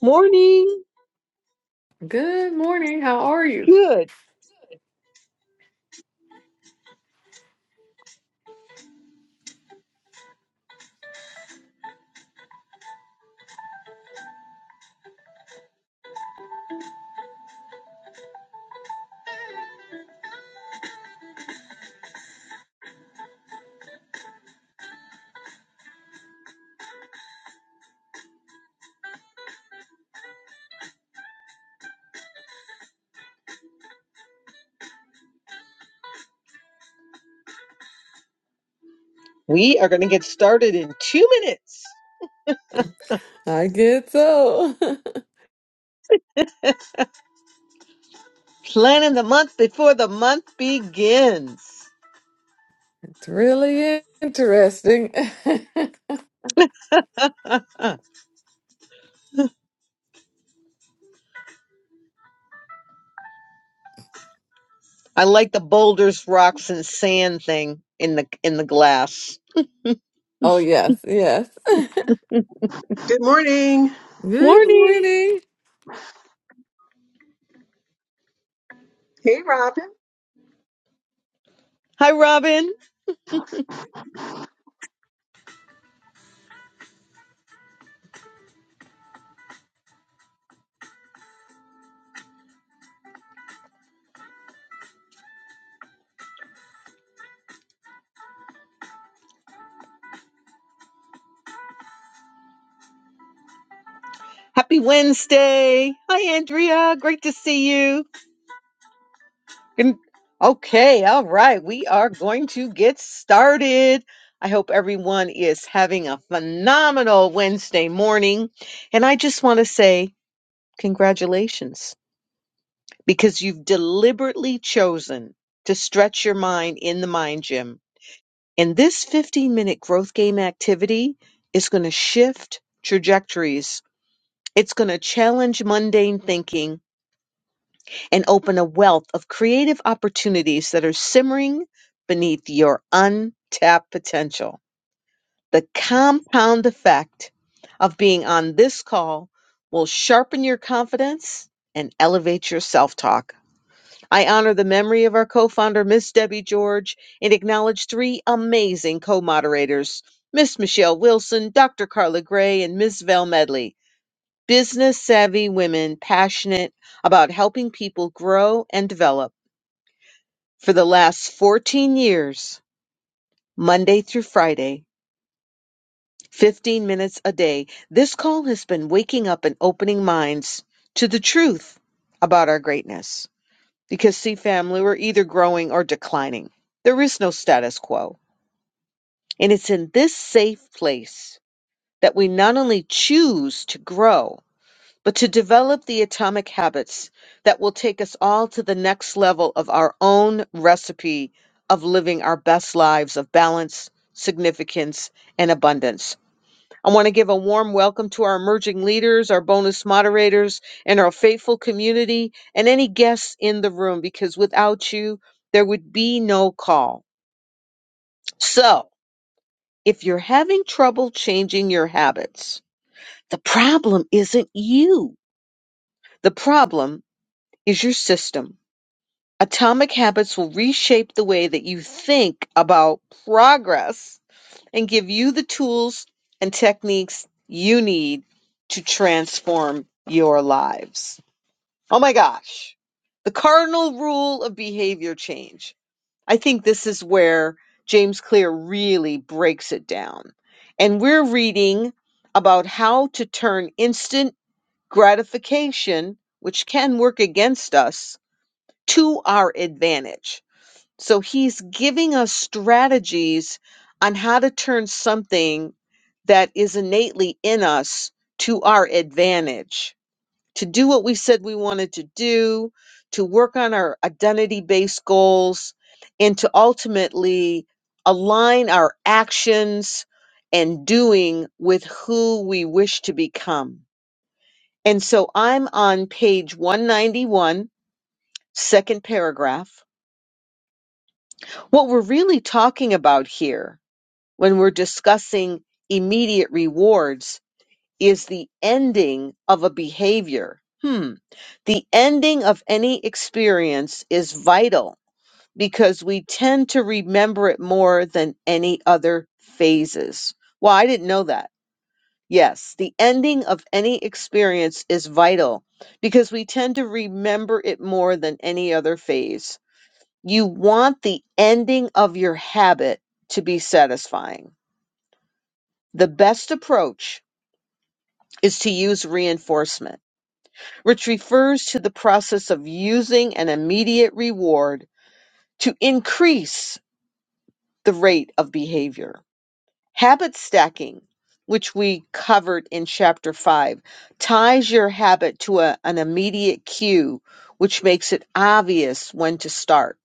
Morning. Good morning. How are you? Good. We are going to get started in two minutes. I get so. Planning the month before the month begins. It's really interesting. I like the boulders, rocks, and sand thing in the in the glass. Oh, yes, yes. Good Morning. morning. Hi, Robin. Happy Wednesday. Hi, Andrea. Great to see you. Good- Okay. All right. We are going to get started. I hope everyone is having a phenomenal Wednesday morning. And I just want to say Congratulations. Because you've deliberately chosen to stretch your mind in the mind gym. And this 15 minute growth game activity is going to shift trajectories. It's going to challenge mundane thinking and open a wealth of creative opportunities that are simmering beneath your untapped potential. The compound effect of being on this call will sharpen your confidence and elevate your self talk. I honor the memory of our co founder, Miss Debbie George, and acknowledge three amazing co moderators Miss Michelle Wilson, Dr. Carla Gray, and Miss Val Medley. Business savvy women passionate about helping people grow and develop. For the last 14 years, Monday through Friday, 15 minutes a day, this call has been waking up and opening minds to the truth about our greatness. Because, see, family, we're either growing or declining. There is no status quo. And it's in this safe place that we not only choose to grow, but to develop the atomic habits that will take us all to the next level of our own recipe of living our best lives of balance, significance, and abundance. I want to give a warm welcome to our emerging leaders, our bonus moderators, and our faithful community, and any guests in the room, because without you, there would be no call. So, if you're having trouble changing your habits, the problem isn't you. The problem is your system. Atomic habits will reshape the way that you think about progress and give you the tools and techniques you need to transform your lives. Oh my gosh. The cardinal rule of behavior change. I think this is where James Clear really breaks it down. And we're reading about how to turn instant gratification, which can work against us, to our advantage so he's giving us strategies on how to turn something that is innately in us to our advantage, to do what we said we wanted to do, to work on our identity based goals, and to ultimately align our actions and doing with who we wish to become. And so I'm on page 191, second paragraph. What we're really talking about here when we're discussing immediate rewards is the ending of a behavior. Hmm. The ending of any experience is vital because we tend to remember it more than any other phases. Well, I didn't know that. Yes, the ending of any experience is vital because we tend to remember it more than any other phase. You want the ending of your habit to be satisfying the best approach is to use reinforcement, which refers to the process of using an immediate reward to increase the rate of behavior. Habit stacking, which we covered in chapter 5, ties your habit to a- an immediate cue, which makes it obvious when to start.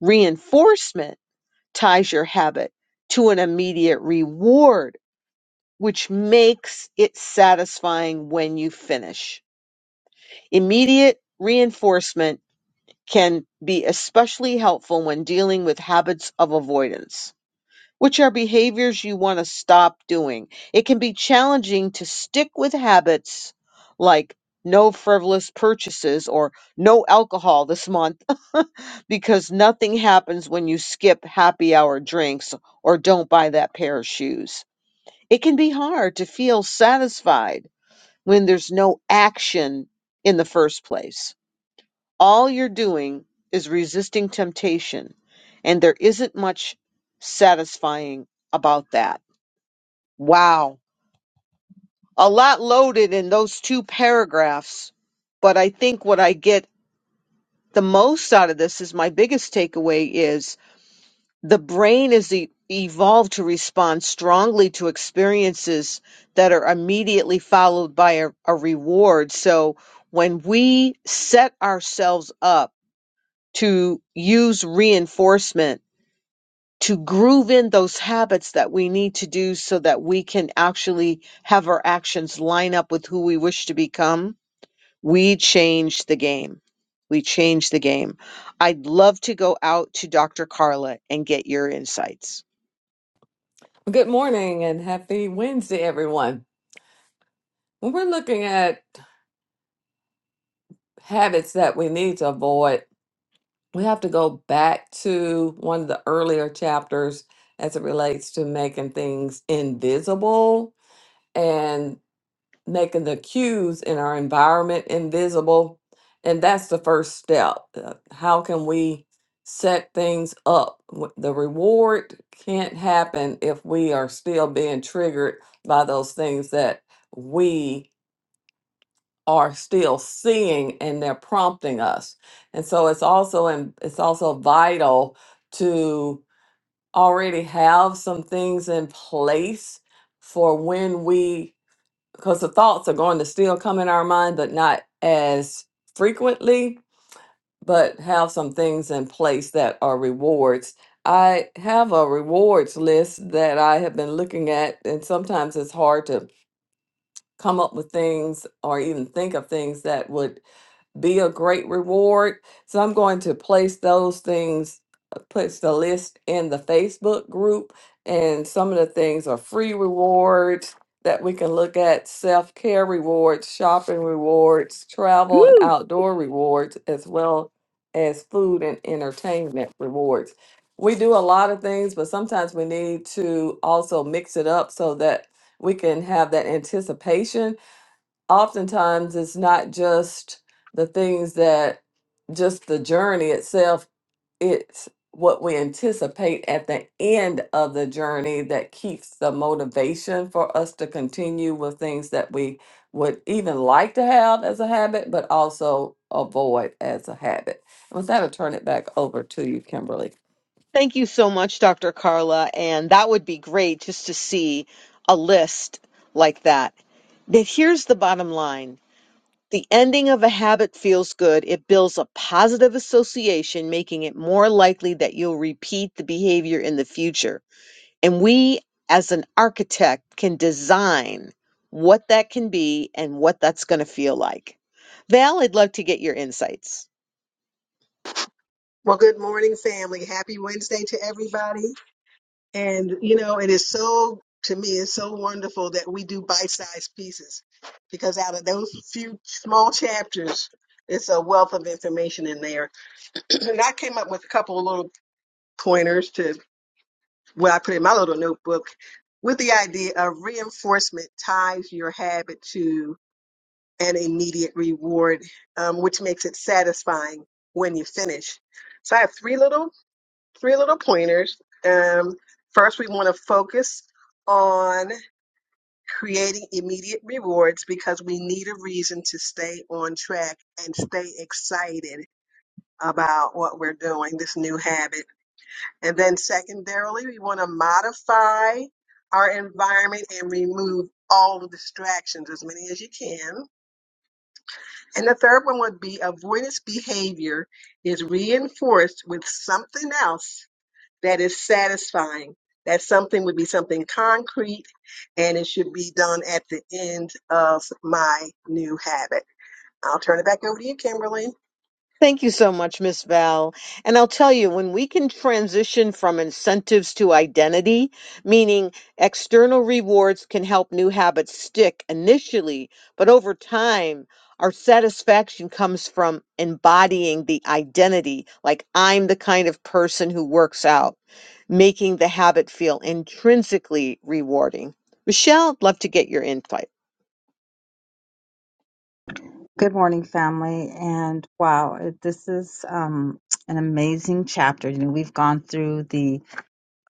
Reinforcement ties your habit to an immediate reward, which makes it satisfying when you finish Immediate reinforcement can be especially helpful when dealing with habits of avoidance, which are behaviors you want to stop doing. It can be challenging to stick with habits like no frivolous purchases or no alcohol this month because nothing happens when you skip happy hour drinks or don't buy that pair of shoes. It can be hard to feel satisfied when there's no action in the first place all you're doing is resisting temptation, and there isn't much satisfying about that. Wow. A lot loaded in those two paragraphs, but I think what I get the most out of this is my biggest takeaway is the brain is e- evolved to respond strongly to experiences that are immediately followed by a, a reward. So when we set ourselves up to use reinforcement to groove in those habits that we need to do so that we can actually have our actions line up with who we wish to become, we change the game. We change the game. I'd love to go out to Dr. Carla and get your insights. Good morning and happy Wednesday, everyone. When we're looking at habits that we need to avoid, we have to go back to one of the earlier chapters as it relates to making things invisible. and. making the cues in our environment invisible. And that's the first step. Uh, How can we set things up? W- The reward can't happen if we are still being triggered by those things that we are still seeing and they're prompting us. And so it's also and it's also vital to already have some things in place for when we because the thoughts are going to still come in our mind, but not as frequently, but have some things in place that are rewards. I have a rewards list that I have been looking at, and sometimes it's hard to come up with things or even think of things that would be a great reward. So I'm going to place those things, uh, place the list in the Facebook group. And some of the things are free rewards that we can look at self care rewards, shopping rewards, travel and outdoor rewards, as well as food and entertainment rewards. We do a lot of things, but sometimes we need to also mix it up so that we can have that anticipation. Oftentimes, it's not just the things that just the journey itself, it's what we anticipate at the end of the journey that keeps the motivation for us to continue with things that we would even like to have as a habit, but also avoid as a habit. With that, I'll turn it back over to you, Kimberly. Thank you so much, Dr. Carla. And that would be great just to see a list like that. But here's the bottom line the ending of a habit feels good. It builds a positive association, making it more likely that you'll repeat the behavior in the future. And we, as an architect, can design what that can be and what that's going to feel like. Val, I'd love to get your insights. Well, good morning, family. Happy Wednesday to everybody. And, you know, it is so, to me, it's so wonderful that we do bite sized pieces because out of those few small chapters, it's a wealth of information in there. and I came up with a couple of little pointers to what I put in my little notebook with the idea of reinforcement ties your habit to an immediate reward, um, which makes it satisfying when you finish. So I have three little three little pointers. Um, first, we want to focus on creating immediate rewards because we need a reason to stay on track and stay excited about what we're doing, this new habit. And then, secondarily, we want to modify our environment and remove all the distractions, as many as you can. And the third one would be avoidance behavior is reinforced with something else that is satisfying. That something would be something concrete and it should be done at the end of my new habit. I'll turn it back over to you, Kimberly. Thank you so much, Miss Val. And I'll tell you, when we can transition from incentives to identity, meaning external rewards can help new habits stick initially, but over time, our satisfaction comes from embodying the identity, like I'm the kind of person who works out, making the habit feel intrinsically rewarding. Michelle, I'd love to get your insight. Good morning, family. And wow, it, this is um, an amazing chapter. You know, we've gone through the,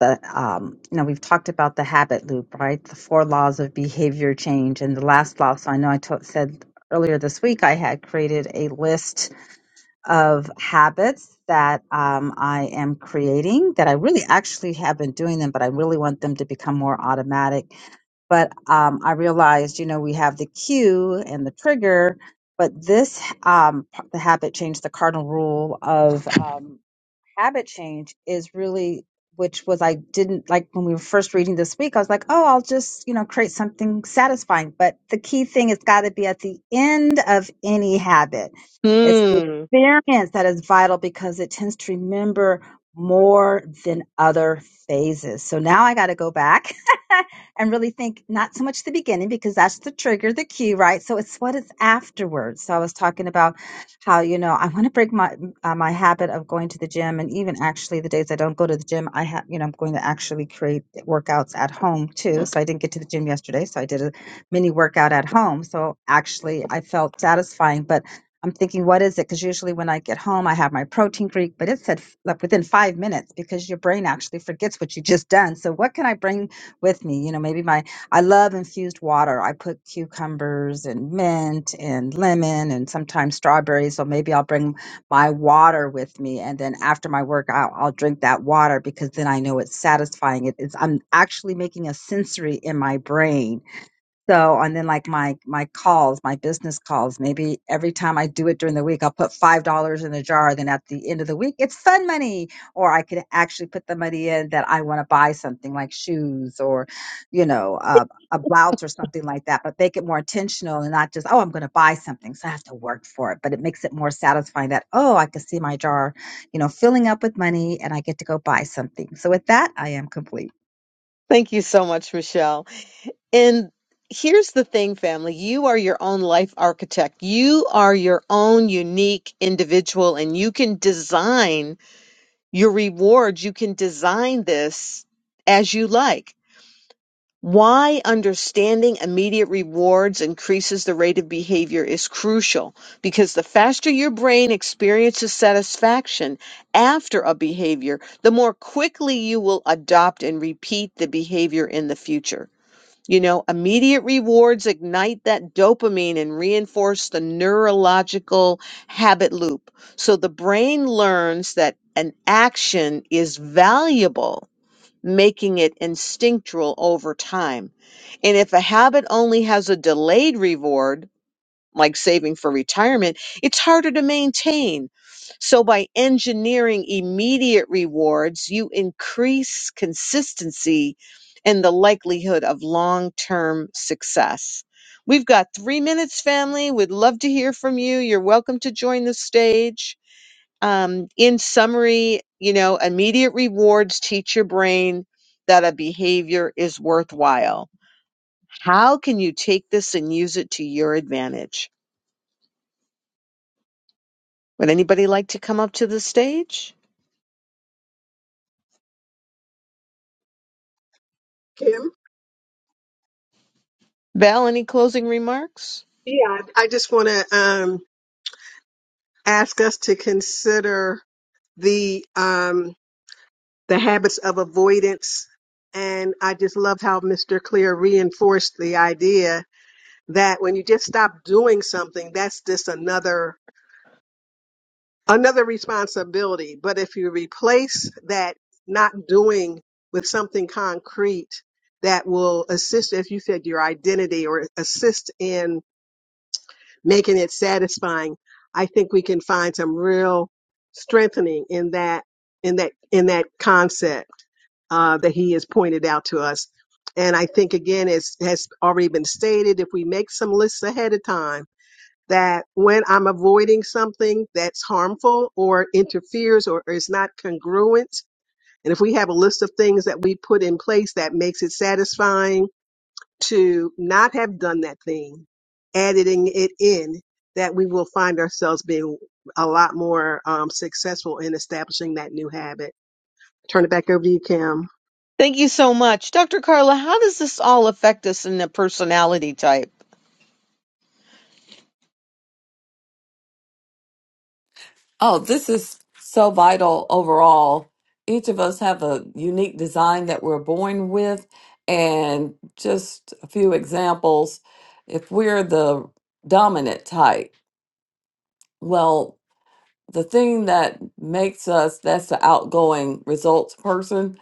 the um, you know, we've talked about the habit loop, right? The four laws of behavior change. And the last law, so I know I to- said earlier this week, I had created a list of habits that um, I am creating that I really actually have been doing them, but I really want them to become more automatic but um, I realized, you know, we have the cue and the trigger, but this um, p- the habit changed the cardinal rule of um, habit change is really which was I didn't like when we were first reading this week. I was like, oh, I'll just, you know, create something satisfying. But the key thing has got to be at the end of any habit. It's the Mm, experience that is vital because it tends to remember more than other phases. So now I got to go back and really think not so much the beginning because that's the trigger, the cue, right? So it's what it's afterwards. So I was talking about how you know I want to break my uh, my habit of going to the gym and even actually the days I don't go to the gym, I have, you know, I'm going to actually create workouts at home too. So I didn't get to the gym yesterday. So I did a mini workout at home. So actually I felt satisfying, but I'm thinking, what is it? Because usually when I get home, I have my protein drink, but it said f- like within five minutes because your brain actually forgets what you just done. So what can I bring with me? You know, maybe my I love infused water. I put cucumbers and mint and lemon and sometimes strawberries. So maybe I'll bring my water with me and then after my workout I'll drink that water because then I know it's satisfying it is I'm actually making a sensory in my brain so, and then like my my calls, my business calls, maybe every time I do it during the week, I'll put five dollars in the jar. Then at the end of the week, it's fun money, or I could actually put the money in that I want to buy something like shoes or, you know, uh, a blouse or something like that. But make it more intentional and not just oh, I'm going to buy something, so I have to work for it. But it makes it more satisfying that oh, I can see my jar, you know, filling up with money, and I get to go buy something. So with that, I am complete. thank you so much, Michelle. And here's the thing, family you are your own life architect, you are your own unique individual, and you can design your rewards. You can design this as you like. Why understanding immediate rewards increases the rate of behavior is crucial because the faster your brain experiences satisfaction after a behavior, the more quickly you will adopt and repeat the behavior in the future. You know, immediate rewards ignite that dopamine and reinforce the neurological habit loop. So the brain learns that an action is valuable making it instinctual over time. And if a habit only has a delayed reward, like saving for retirement, it's harder to maintain. So by engineering immediate rewards, you increase consistency and the likelihood of long term success. We've got three minutes, family. We'd love to hear from you. You're welcome to join the stage. Um, in summary, you know, immediate rewards teach your brain that a behavior is worthwhile. How can you take this and use it to your advantage? Would anybody like to come up to the stage? Val, any closing remarks? Yeah, I just want to um, ask us to consider the um, the habits of avoidance, and I just loved how Mr. Clear reinforced the idea that when you just stop doing something, that's just another another responsibility. But if you replace that not doing with something concrete that will assist, as you said, your identity or assist in making it satisfying, I think we can find some real strengthening in that in that in that concept uh, that he has pointed out to us. And I think again, as has already been stated, if we make some lists ahead of time, that when I'm avoiding something that's harmful or interferes or is not congruent, and if we have a list of things that we put in place that makes it satisfying to not have done that thing, editing it in, that we will find ourselves being a lot more um, successful in establishing that new habit. Turn it back over to you, Kim. Thank you so much. Dr. Carla, how does this all affect us in the personality type? Oh, this is so vital overall. Each of us have a unique design that we're born with, and just a few examples. If we're the dominant type, well, the thing that makes us that's the outgoing results person,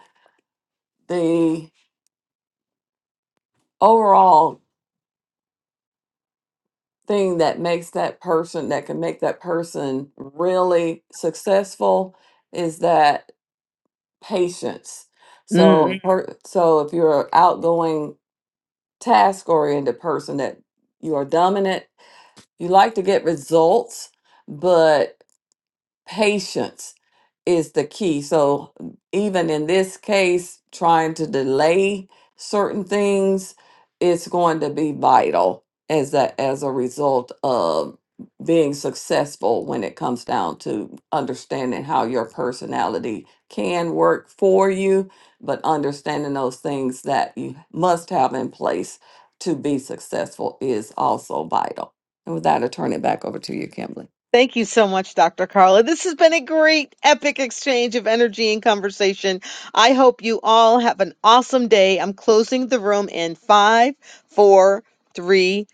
the overall thing that makes that person that can make that person really successful is that. patience. So, Mhm. per, so if you're an outgoing, task-oriented person that you are dominant, you like to get results, but Patience is the key. So, mm, even in this case, trying to delay certain things is going to be vital as a, as a result of being successful when it comes down to understanding how your personality can work for you, but understanding those things that you must have in place to be successful is also vital. And with that, I turn it back over to you, Kimberly. Thank you so much, Dr. Carla. This has been a great, epic exchange of energy and conversation. I hope you all have an awesome day. I'm closing the room in five, four, three,